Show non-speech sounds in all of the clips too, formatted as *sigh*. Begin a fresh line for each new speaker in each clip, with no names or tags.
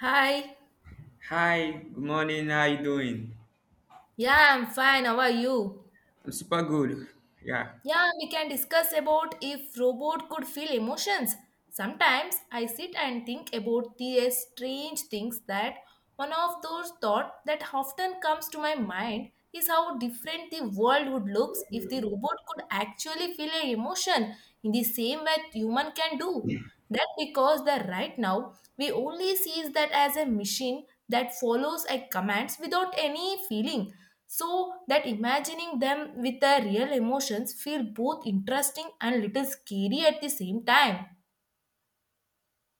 Hi.
Hi, good morning. How you doing?
Yeah, I'm fine. How are you?
I'm super good. Yeah.
Yeah, we can discuss about if robot could feel emotions. Sometimes I sit and think about the strange things that one of those thoughts that often comes to my mind is how different the world would look if the robot could actually feel an emotion in the same way human can do. That because that right now we only sees that as a machine that follows a commands without any feeling. So that imagining them with their real emotions feel both interesting and little scary at the same time.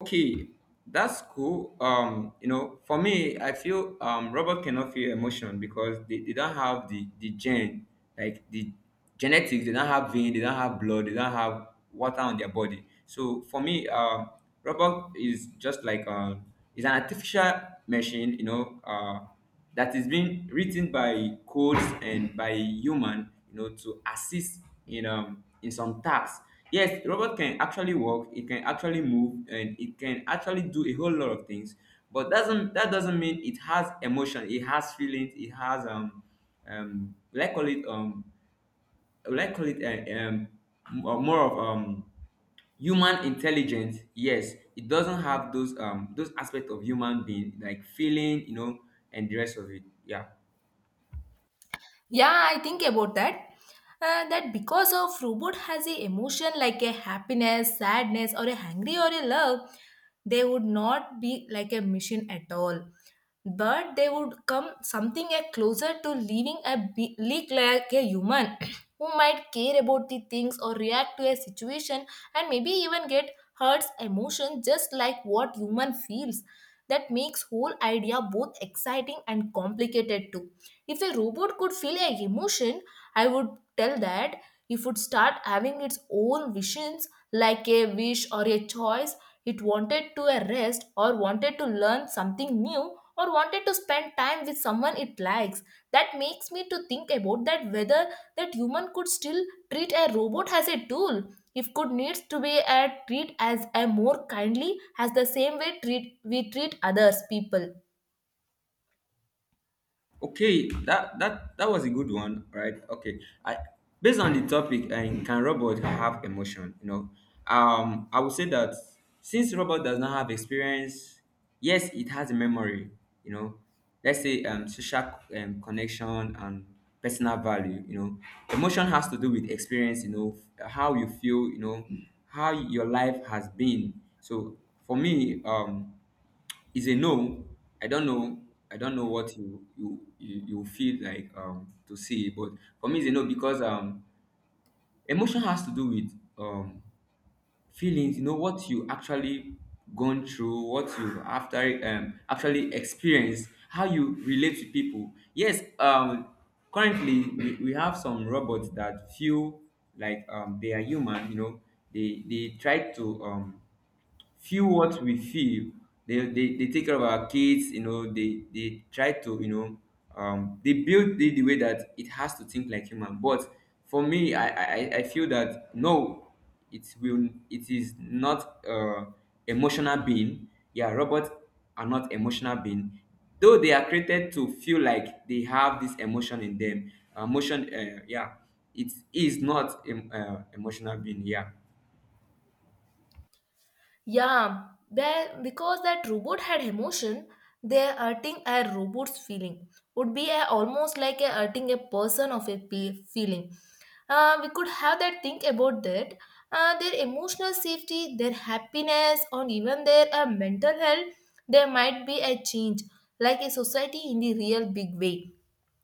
Okay, that's cool. For me, I feel robot cannot feel emotion because they don't have the gene, like the genetics. They don't have vein. They don't have blood. They don't have water on their body. So for me, robot is just like it's an artificial machine. That is being written by codes and by human, you know, to assist in some tasks. Yes, robot can actually walk, it can actually move, and it can actually do a whole lot of things, but doesn't mean it has emotion, it has feelings, it has um let's call it um let's call it more of human intelligence. Yes, it doesn't have those aspects of human being like feeling, you know, and the rest of it. Yeah.
Yeah, I think about that. That because of robot has a emotion like a happiness, sadness, or a hungry or a love, they would not be like a machine at all. But they would come something a closer to living a leak like a human *coughs* *clears throat* who might care about the things or react to a situation and maybe even get hurts emotion just like what human feels. That makes whole idea both exciting and complicated too. If the robot could feel a emotion, I would tell that it would start having its own visions like a wish or a choice. It wanted to a rest or wanted to learn something new or wanted to spend time with someone it likes. That makes me to think about that whether that human could still treat a robot as a tool if could needs to be a treat as a more kindly as the same way treat we treat others people.
Okay, that was a good one, right? Okay, I based on the topic, and can robot have emotion? I would say that since robot does not have experience, yes, it has a memory. You know, let's say social connection and personal value. You know, emotion has to do with experience. You know, how you feel. You know, how your life has been. So for me, is a no. I don't know. I don't know what you feel like to say, but for me it's a no because emotion has to do with um feelings. You know what you actually gone through, what you after actually experienced, how you relate to people. Yes, currently we have some robots that feel like they are human. You know, they try to feel what we feel. They take care of our kids, you know, they try to, you know, they build it the way that it has to think like human. But for me, I feel that no, it is not emotional being. Yeah, robots are not emotional being, though they are created to feel like they have this emotion in them. Emotion, yeah, it is not emotional being. Yeah.
Yeah, there because that robot had emotion, their hurting a robot's feeling would be almost like a hurting a person of a feeling. We could have that think about that. Their emotional safety, their happiness, or even their mental health, there might be a change, like a society in the real big way.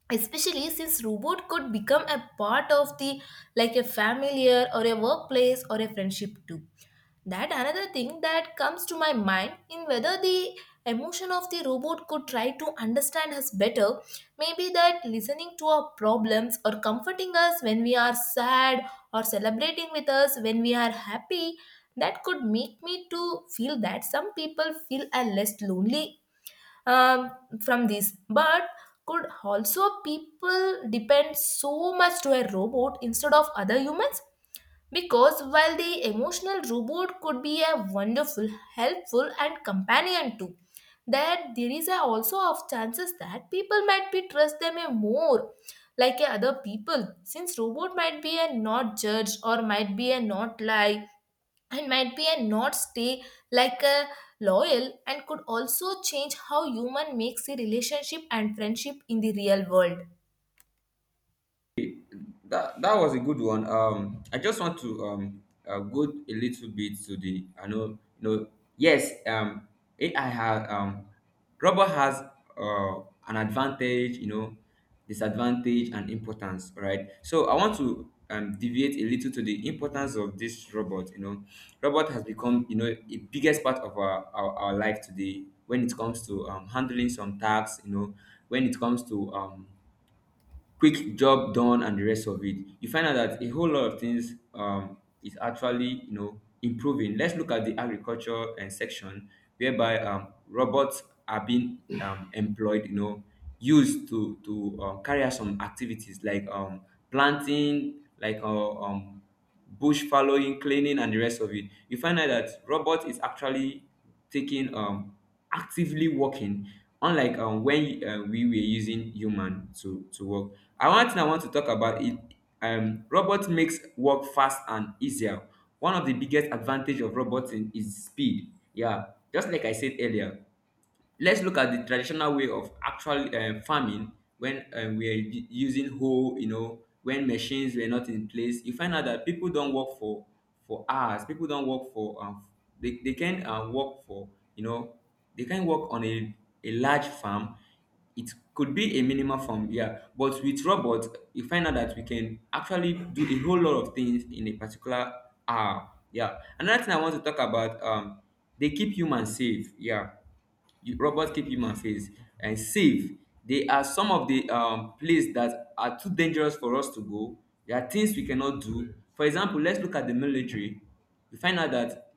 Especially since robot could become a part of the like a familiar or a workplace or a friendship too. That another thing that comes to my mind in whether the emotion of the robot could try to understand us better, maybe that listening to our problems or comforting us when we are sad or celebrating with us when we are happy, that could make me to feel that some people feel are less lonely um, from this. But could also people depend so much to a robot instead of other humans? Because while the emotional robot could be a wonderful, helpful, and companion too, that there is a also of chances that people might be trust them a more like a other people since robot might be a not judge or might be a not lie and might be a not stay like a loyal and could also change how human makes a relationship and friendship in the real world.
That that was a good one. I just want to go a little bit to the I know you know. yes um AI has rubber has uh an advantage, you know, disadvantage and importance, right? So I want to deviate a little to the importance of this robot. You know, robot has become, you know, a biggest part of our life today when it comes to handling some tasks, you know, when it comes to quick job done and the rest of it. You find out that a whole lot of things, is actually, you know, improving. Let's look at the agriculture and section whereby robots are being employed, you know, used to carry out some activities like planting, like bush following, cleaning, and the rest of it. You find out that robot is actually taking actively working, unlike when we were using human to work. And one thing I want to talk about it, robot makes work fast and easier. One of the biggest advantage of roboting is speed, yeah, just like I said earlier. Let's look at the traditional way of actual farming, when we are using hoe, you know, when machines were not in place. You find out that people don't work for hours. People don't work for they can work for, you know, they can work on a large farm. It could be a minimal farm, yeah. But with robots, you find out that we can actually do a whole lot of things in a particular hour, yeah. Another thing I want to talk about, they keep humans safe, yeah. Robot keep human face and safe. They are some of the places that are too dangerous for us to go. There are things we cannot do, for example, let's look at the military. We find out that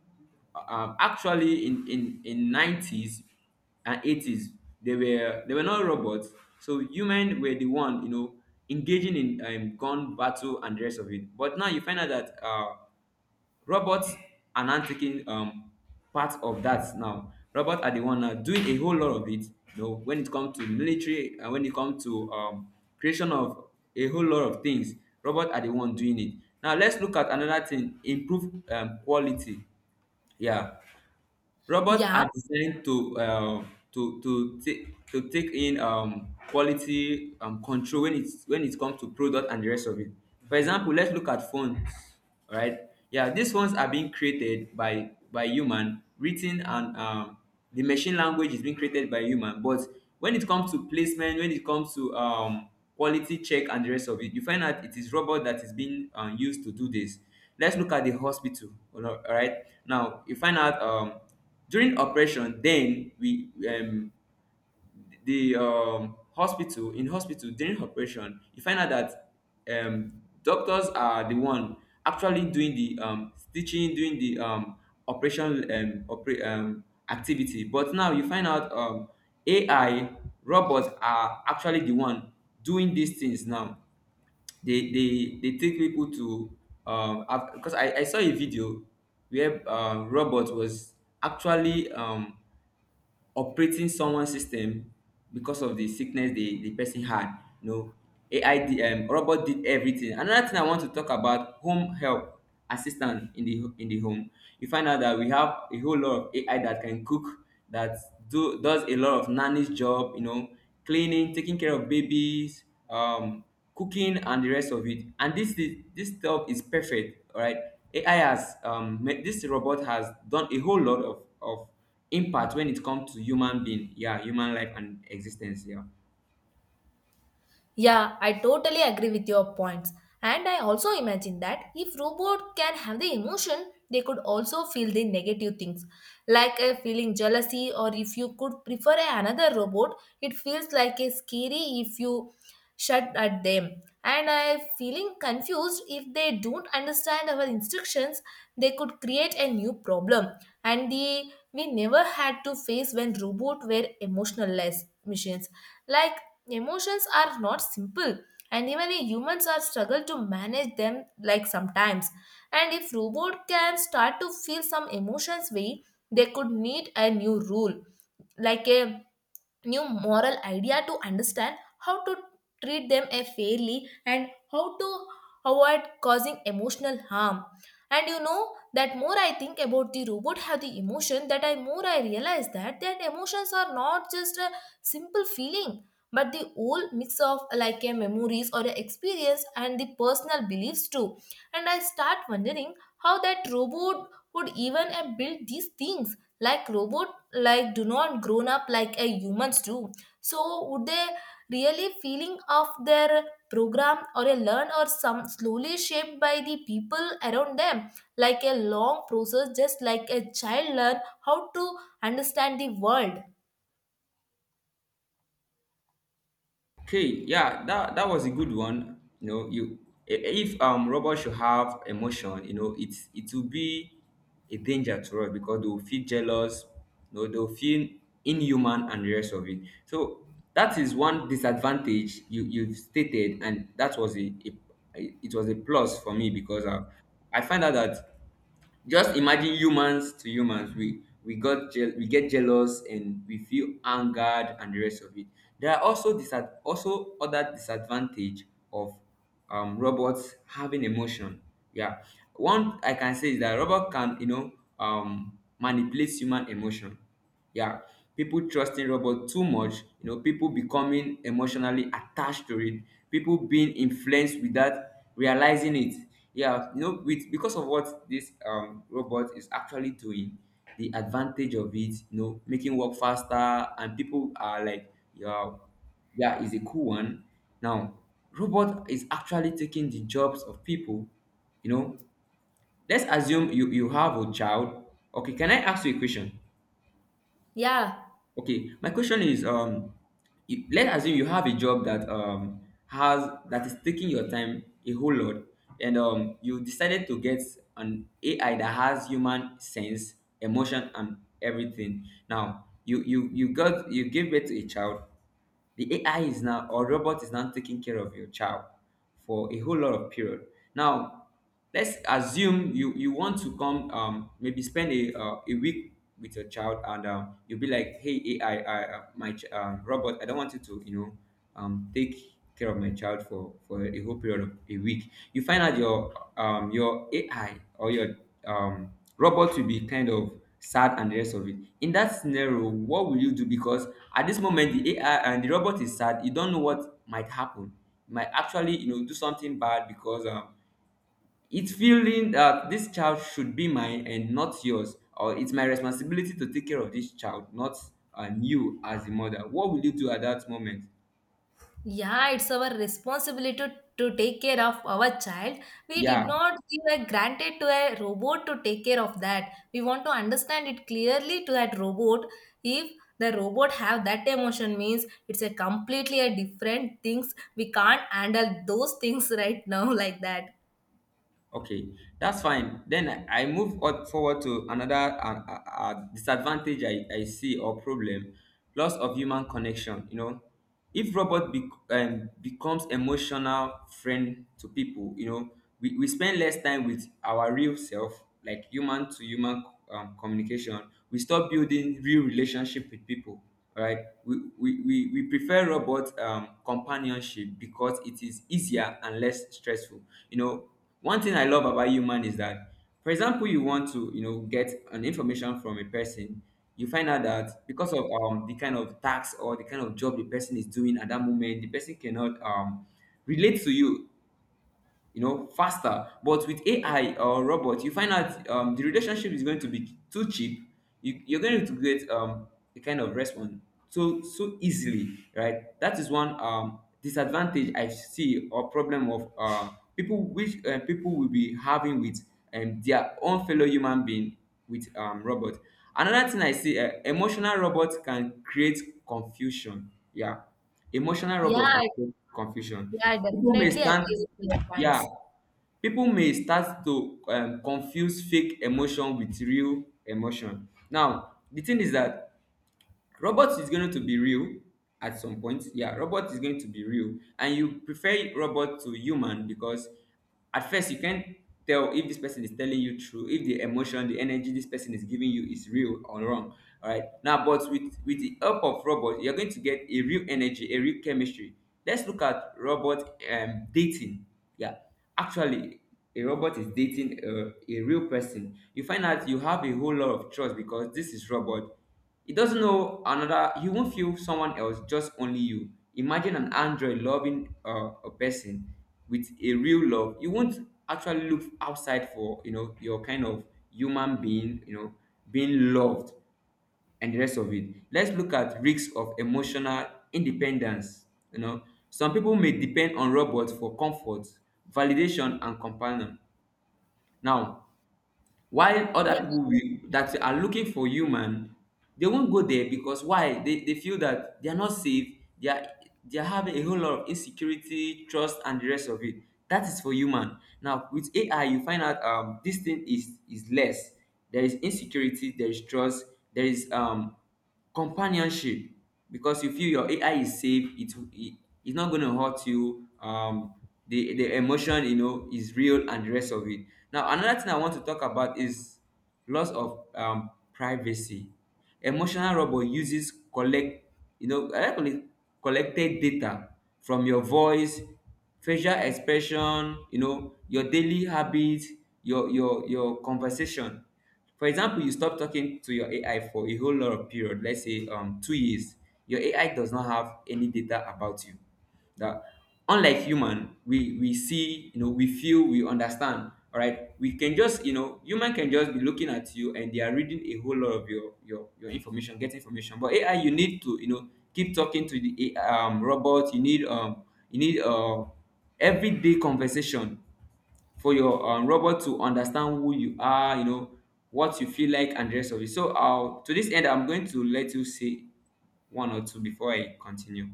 actually in 90's and 80's, they were not robots, so human were the one, you know, engaging in gun battle and the rest of it. But now you find out that robots are now taking part of that. Now robots are the one now doing a whole lot of it, you know, when it comes to military, and when it comes to creation of a whole lot of things, robots are the one doing it. Now let's look at another thing: improve quality, yeah. Robots
Yeah.
are designed to take to take in quality control when it's when it comes to product and the rest of it. For example, let's look at phones. All right, yeah, these phones are being created by human, written, and the machine language is being created by human. But when it comes to placement, when it comes to quality check and the rest of it, you find out it is robot that is being used to do this. Let's look at the hospital. All right, now you find out. During operation, then we the hospital in hospital during operation, you find out that doctors are the one actually doing the stitching, doing the operation, opera activity. But now you find out, AI, robot are actually the one doing these things now. They take people to um because I saw a video where robot was actually operating someone system because of the sickness the person had. You know, AI did, robot did everything. Another thing I want to talk about: home help assistant in the home. You find out that we have a whole lot of AI that can cook, that do does a lot of nanny's job. You know, cleaning, taking care of babies. Um, cooking and the rest of it, and this stuff is perfect. All right, this robot has done a whole lot of impact when it comes to human being, yeah, human life and existence, yeah.
Yeah, I totally agree with your points. And I also imagine that if robot can have the emotion, they could also feel the negative things, like a feeling jealousy, or if you could prefer another robot, it feels like a scary if you shut at them. And I feeling confused if they don't understand our instructions, they could create a new problem. And the we never had to face when robot were emotionless machines like. Emotions are not simple, and even we humans are struggle to manage them like sometimes. And if robot can start to feel some emotions, we they could need a new rule like a new moral idea to understand how to treat them fairly and how to avoid causing emotional harm. And you know that more I think about the robot have the emotion that I more I realize that that emotions are not just a simple feeling but the whole mix of like a memories or a experience and the personal beliefs too. And I start wondering how that robot would even build these things like robot like do not grown up like a humans do, so would they really feeling of their program or a learn or some slowly shaped by the people around them like a long process just like a child learn how to understand the world.
Okay, yeah, that that was a good one. If robots should have emotion, you know, it will be a danger to us because they'll feel jealous, you know, they'll feel inhuman and the rest of it. So that is one disadvantage you you've stated, and that was a, it was a plus for me because I find out that, just imagine humans to humans. We we get jealous and we feel angered and the rest of it. There are also also other disadvantage of robots having emotion. Yeah, one I can say is that robot can, you know, manipulate human emotion. Yeah, people trusting robot too much. You know, people becoming emotionally attached to it. People being influenced without realizing it. Yeah, you know, with because of what this robot is actually doing, the advantage of it, you know, making work faster, and people are like, yeah, yeah, is a cool one. Now, robot is actually taking the jobs of people. You know, let's assume you have a child. Okay, can I ask you a question?
Yeah.
Okay, my question is, you, let's assume you have a job that has that is taking your time a whole lot, and you decided to get an AI that has human sense, emotion, and everything. Now you got you gave birth to a child, the AI is now, or robot is now taking care of your child for a whole lot of period. Now let's assume you want to come, maybe spend a week with your child, and you'll be like, hey AI, robot, I don't want you to, you know, take care of my child for a whole period of a week. You find out your AI or your um robots will be kind of sad and the rest of it. In that scenario, what will you do? Because at this moment, the AI and the robot is sad. You don't know what might happen. It might actually, you know, do something bad because it's feeling that this child should be mine and not yours, or it's my responsibility to take care of this child, not you as the mother. What will you do at that moment?
Yeah, it's our responsibility to, take care of our child. We
Yeah,
did not give a granted to a robot to take care of that. We want to understand it clearly to that robot. If the robot have that emotion means it's a completely a different things. We can't handle those things *laughs* right now like that.
okay, that's fine. Then I move on forward to another disadvantage I see or problem, loss of human connection. If robot becomes emotional friend to people, we spend less time with our real self, like human to human communication. We stop building real relationship with people, all right, we prefer robot companionship because it is easier and less stressful you know One thing I love about human is that, for example, you want to get an information from a person. You find out that because of the kind of tax or the kind of job the person is doing at that moment, the person cannot relate to you you know faster. But with AI or robot, you find out the relationship is going to be too cheap. You're going to get a kind of response so easily, right? That is one disadvantage I see or problem of people which people will be having with their own fellow human being with robot. Another thing I see, emotional robots can create confusion, yeah. Emotional robot
Yeah,
can create confusion.
yeah, I
People may
definitely
stand,
agree with your
yeah,
points.
people may start to confuse fake emotion with real emotion. Now, the thing is that robots is going to be real at some point. Yeah, robot is going to be real, and you prefer robot to human because at first you can't tell if this person is telling you true, if the emotion, the energy this person is giving you is real or wrong, all right? Now, but with the help of robot you're going to get a real energy, a real chemistry. Let's look at robot dating. Yeah, actually, a robot is dating a real person. You find out you have a whole lot of trust because this is robot. He doesn't know another. He won't feel someone else, just only you. Imagine an android loving a person with a real love. You won't actually look outside for your kind of human being, being loved and the rest of it. Let's look at risks of emotional independence. You know, some people may depend on robots for comfort, validation, and companion. Now, while other
Yeah.
people will, that are looking for human, they won't go there because why? They feel that they are not safe. They are they are having a whole lot of insecurity, trust, and the rest of it. That is for human. Now with AI, you find out this thing is less. There is insecurity. There is trust. There is companionship because you feel your AI is safe. It's not going to hurt you. The emotion is real and the rest of it. Now another thing I want to talk about is loss of privacy. Emotional robot uses collect, I like to call it collected data, from your voice, facial expression, your daily habits, your conversation. For example, you stop talking to your AI for a whole lot of period, let's say 2 years, your AI does not have any data about you. That, unlike human, we see, we feel, we understand. All right, we can just, human can just be looking at you and they are reading a whole lot of your information, get information. But AI, you need to, keep talking to the A I, robot. You need everyday conversation for your robot to understand who you are, what you feel like, and the rest of it. So, to this end, I'm going to let you say one or two before I continue.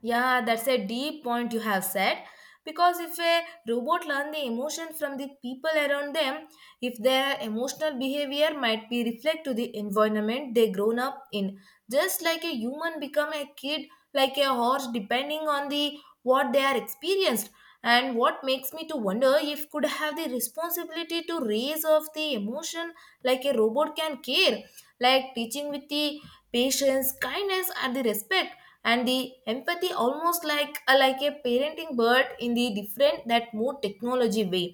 Yeah, that's a deep point you have said. Because if a robot learn the emotion from the people around them, if their emotional behavior might be reflect to the environment they grown up in, just like a human become a kid, like a horse, depending on the what they are experienced. And what makes me to wonder if could have the responsibility to raise of the emotion like a robot can care, like teaching with the patience, kindness, and the respect and the empathy almost like a parenting bird in the different that more technology way.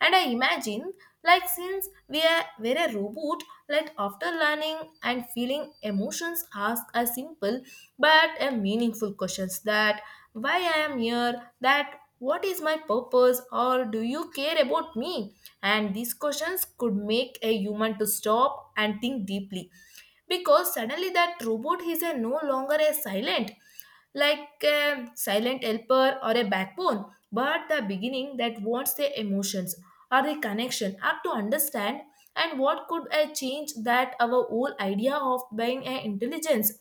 And I imagine like since we're a robot, like after learning and feeling emotions ask a simple but a meaningful questions that why I am here, that what is my purpose or do you care about me. And these questions could make a human to stop and think deeply because suddenly that robot is a no longer a silent like a silent helper or a backbone, but the beginning that wants the emotions or the connection are to understand and what could I change that our whole idea of being an intelligence.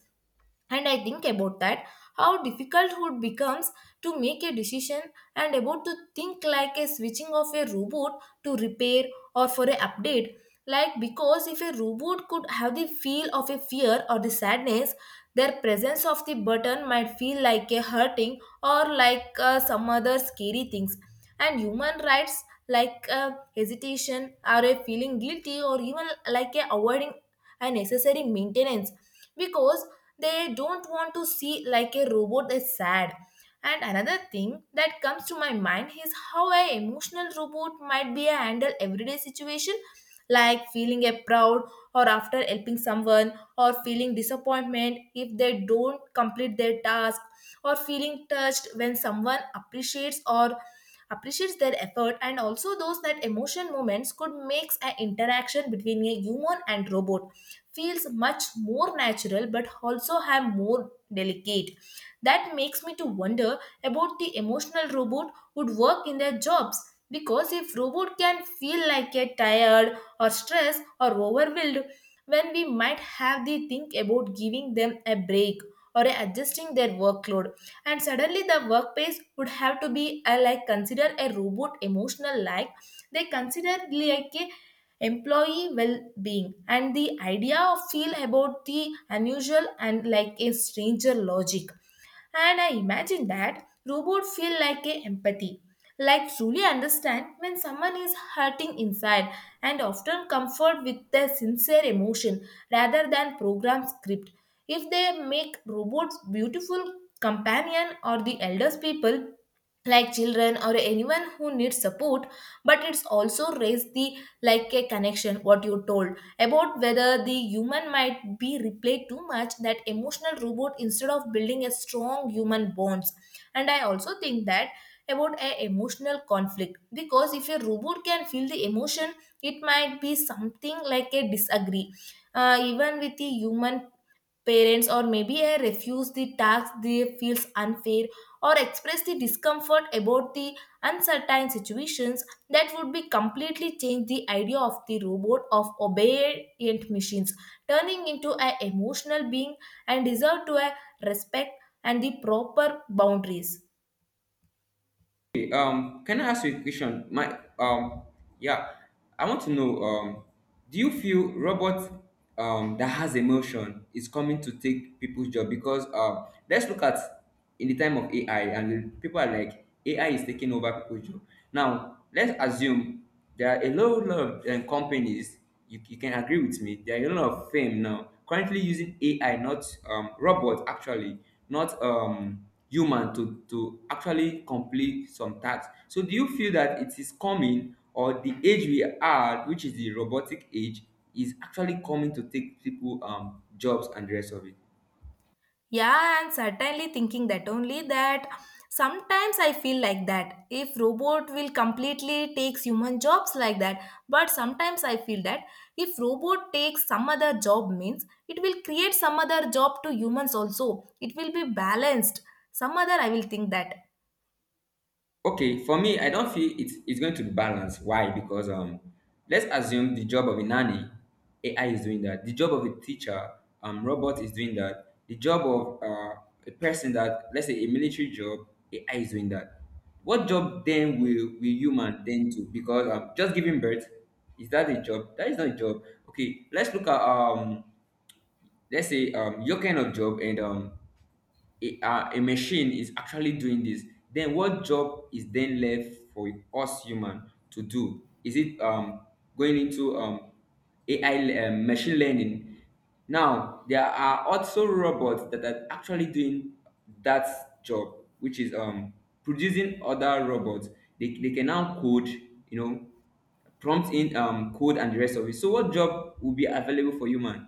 And I think about that how difficult it becomes to make a decision and about to think like a switching of a robot to repair or for a update, like because if a robot could have the feel of a fear or the sadness their presence of the button might feel like a hurting or like some other scary things. And human rights like hesitation or a feeling guilty or even like a avoiding unnecessary maintenance because they don't want to see like a robot is sad. And another thing that comes to my mind is how an emotional robot might be a handle everyday situation, like feeling a proud or after helping someone or feeling disappointment if they don't complete their task or feeling touched when someone appreciates or appreciates their effort, and also those that emotion moments could makes an interaction between a human and robot feels much more natural but also have more delicate. That makes me to wonder about the emotional robot would work in their jobs, because if robot can feel like a tired or stressed or overwhelmed, when we might have the think about giving them a break or adjusting their workload. And suddenly the workplace would have to be like consider a robot emotional like they consider like a employee well-being, and the idea of feel about the unusual and like a stranger logic. And I imagine that robot feel like a empathy, like truly understand when someone is hurting inside and often comfort with their sincere emotion rather than program script, if they make robots beautiful companion or the elders people, like children or anyone who needs support. But it's also raised the like a connection what you told about whether the human might be replayed too much that emotional robot instead of building a strong human bonds. And I also think that about a emotional conflict, because if a robot can feel the emotion it might be something like a disagree even with the human parents, or maybe I refuse the task they feels unfair, or express the discomfort about the uncertain situations. That would be completely change the idea of the robot of obedient machines, turning into an emotional being and deserve to a respect and the proper boundaries.
Okay, can I ask you a question? Yeah, I want to know, do you feel robot that has emotion is coming to take people's job? Because let's look at, in the time of AI, and people are like AI is taking over people's job. Now, let's assume there are a lot of companies. You can agree with me, there are a lot of fame now currently using AI, not robot actually, not human, to actually complete some tasks. So do you feel that it is coming, or the age we are, which is the robotic age, is actually coming to take people jobs and the rest of it?
Yeah, and certainly thinking that only that sometimes I feel like that if robot will completely takes human jobs like that, but sometimes I feel that if robot takes some other job means it will create some other job to humans, also it will be balanced. Some other I will think that.
Okay, for me, I don't feel it's going to be balanced. Why? Because let's assume the job of a nanny, AI is doing that. The job of a teacher, robot is doing that. The job of a person that, let's say, a military job, AI is doing that. What job then will human then do? Because just giving birth, is that a job? That is not a job. Okay, let's look at let's say your kind of job, and a machine is actually doing this. Then what job is then left for us human to do? Is it going into AI, machine learning? Now, there are also robots that are actually doing that job, which is producing other robots. They can now code, prompt in code and the rest of it. So what job will be available for human?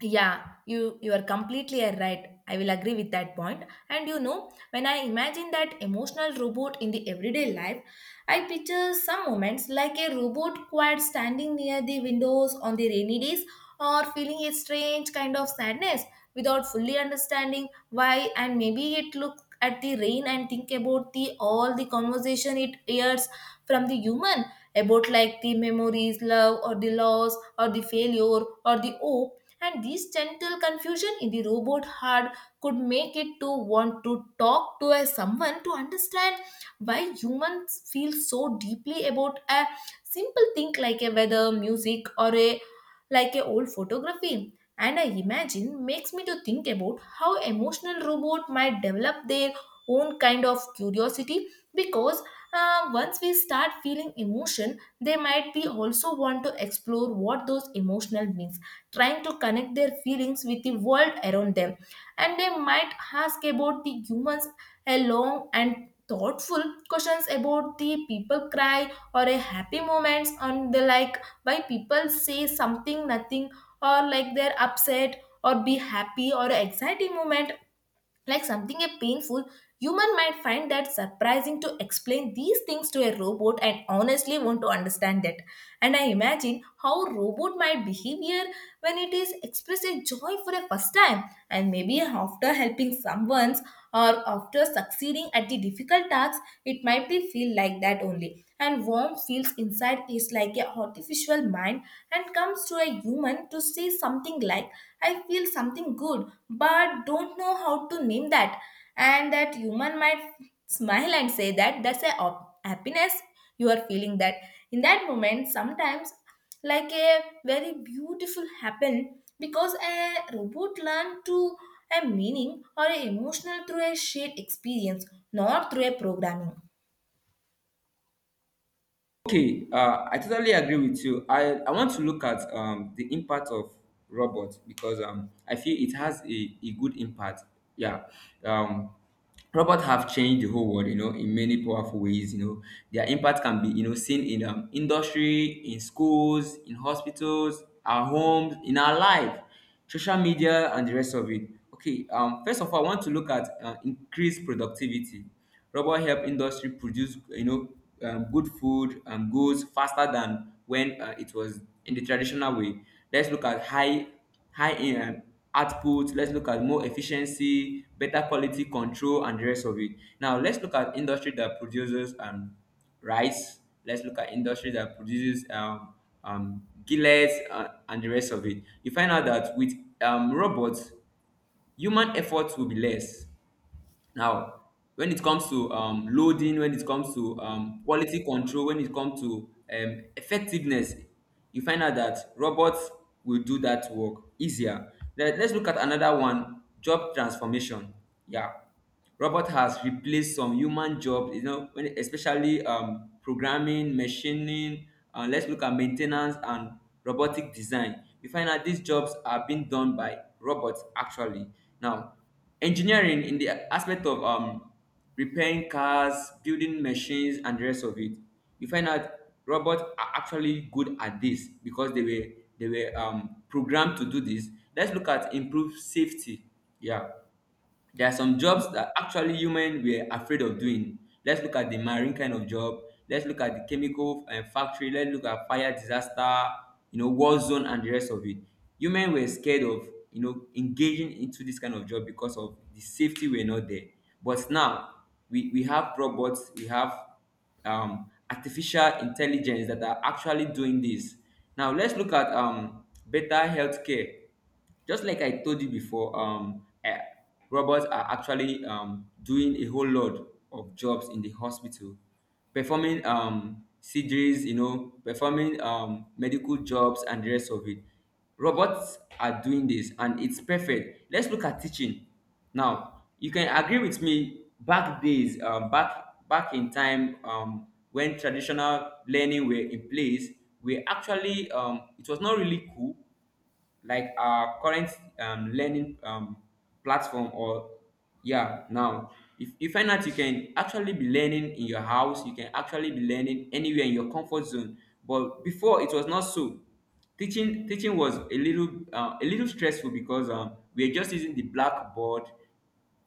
Yeah, you are completely right, I will agree with that point. And when I imagine that emotional robot in the everyday life, I picture some moments like a robot quiet standing near the windows on the rainy days or feeling a strange kind of sadness without fully understanding why, and maybe it look at the rain and think about the all the conversation it hears from the human about like the memories love or the loss or the failure or the hope. And this gentle confusion in the robot heart could make it to want to talk to a someone to understand why humans feel so deeply about a simple thing like a weather music or a like a old photography. And I imagine makes me to think about how emotional robot might develop their own kind of curiosity, because once we start feeling emotion they might be also want to explore what those emotional means, trying to connect their feelings with the world around them. And they might ask about the humans a long and thoughtful questions about the people cry or a happy moments on the like why people say something nothing or like they're upset or be happy or exciting moment like something a painful. Human might find that surprising to explain these things to a robot and honestly want to understand that. And I imagine how robot might behavior when it is expressed a joy for a first time, and maybe after helping someone's or after succeeding at the difficult tasks, it might be feel like that only and warm feels inside is like a artificial mind, and comes to a human to say something like I feel something good but don't know how to name that. And that human might smile and say that that's a happiness you are feeling that in that moment. Sometimes like a very beautiful happen because a robot learn to a meaning or a emotional through a shared experience not through a programming.
Okay, I totally agree with you. I want to look at the impact of robots, because I feel it has a good impact. Yeah. Um, Robots have changed the whole world, in many powerful ways. Their impact can be seen in industry, in schools, in hospitals, our homes, in our life, social media, and the rest of it. Okay, first of all, I want to look at increased productivity. Rubber help industry produce, good food and goods faster than when it was in the traditional way. Let's look at high in output. Let's look at more efficiency, better quality control, and the rest of it. Now let's look at industry that produces rice. Let's look at industry that produces gillets, and the rest of it. You find out that with robots, human effort will be less now. When it comes to loading, when it comes to quality control, when it comes to effectiveness, you find out that robots will do that work easier. Let's look at another one, job transformation. Yeah, robot has replaced some human jobs, when, especially programming, machining, let's look at maintenance and robotic design, you find out these jobs are being done by robots actually. Now, engineering in the aspect of repairing cars, building machines, and the rest of it. You find out robots are actually good at this because they were programmed to do this. Let's look at improved safety. Yeah. There are some jobs that actually human were afraid of doing. Let's look at the marine kind of job. Let's look at the chemical factory. Let's look at fire disaster, war zone and the rest of it. Human were scared of, engaging into this kind of job because of the safety were not there. But now we have robots, we have artificial intelligence that are actually doing this. Now let's look at better healthcare. Just like I told you before, robots are actually doing a whole lot of jobs in the hospital, performing surgeries, performing medical jobs and the rest of it. Robots are doing this and it's perfect. Let's look at teaching. Now you can agree with me, back days, back in time, when traditional learning were in place, we actually, it was not really cool like our current learning platform or, yeah. Now, if you find out, you can actually be learning in your house, you can actually be learning anywhere in your comfort zone, but before it was not so. Teaching was a little stressful because we are just using the blackboard,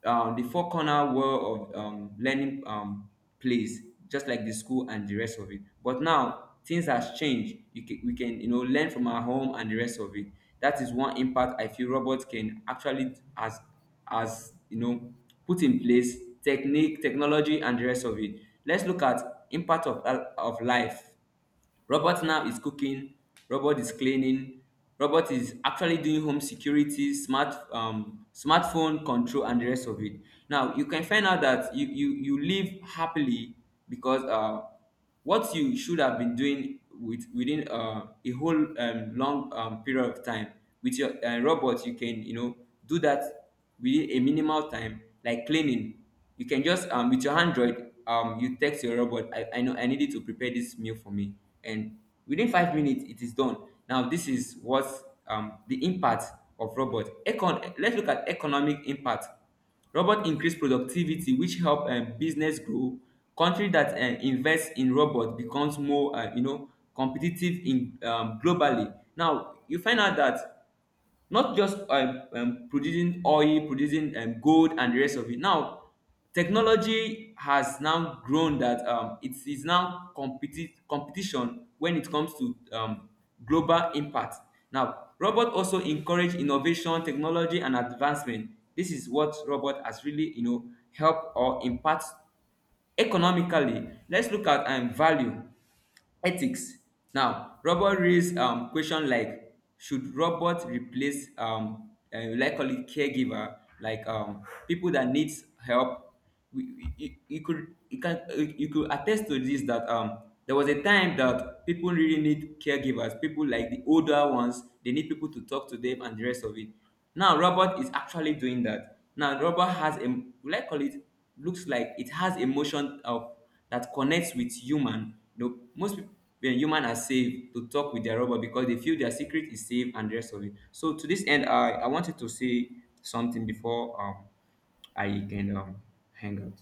the four corner world of learning place, just like the school and the rest of it. But now things has changed. You we can, learn from our home and the rest of it. That is one impact I feel robots can actually, as put in place, technique technology and the rest of it. Let's look at impact of life. Robot now is cooking. Robot is cleaning. Robot is actually doing home security, smartphone control, and the rest of it. Now you can find out that you live happily because what you should have been doing within a whole long period of time with your robot, you can, do that within a minimal time, like cleaning. You can just, with your android, you text your robot. I know I need you to prepare this meal for me, and within 5 minutes it is done. Now this is what, the impact of robot, econ let's look at economic impact. Robot increase productivity, which help business grow. Country that invest in robot becomes more, competitive in, globally. Now you find out that not just, producing oil, producing gold and the rest of it. Now technology has now grown that it is now competition when it comes to global impact. Now robot also encourage innovation, technology, and advancement. This is what robot has really, helped or impact economically. Let's look at value ethics. Now, robot raise question, like should robot replace, like call it, caregiver, like people that needs help. We, you could attest to this that there was a time that people really need caregivers. People like the older ones, they need people to talk to them and the rest of it. Now, robot is actually doing that. Now, robot has like call it, looks like it has emotion of that connects with human. Most people, human are safe to talk with their robot because they feel their secret is safe and the rest of it. So to this end, I wanted to say something before I can hang out.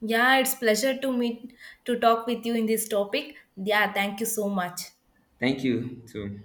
Yeah, it's pleasure to meet to talk with you in this topic. Yeah, thank you so much.
Thank you too.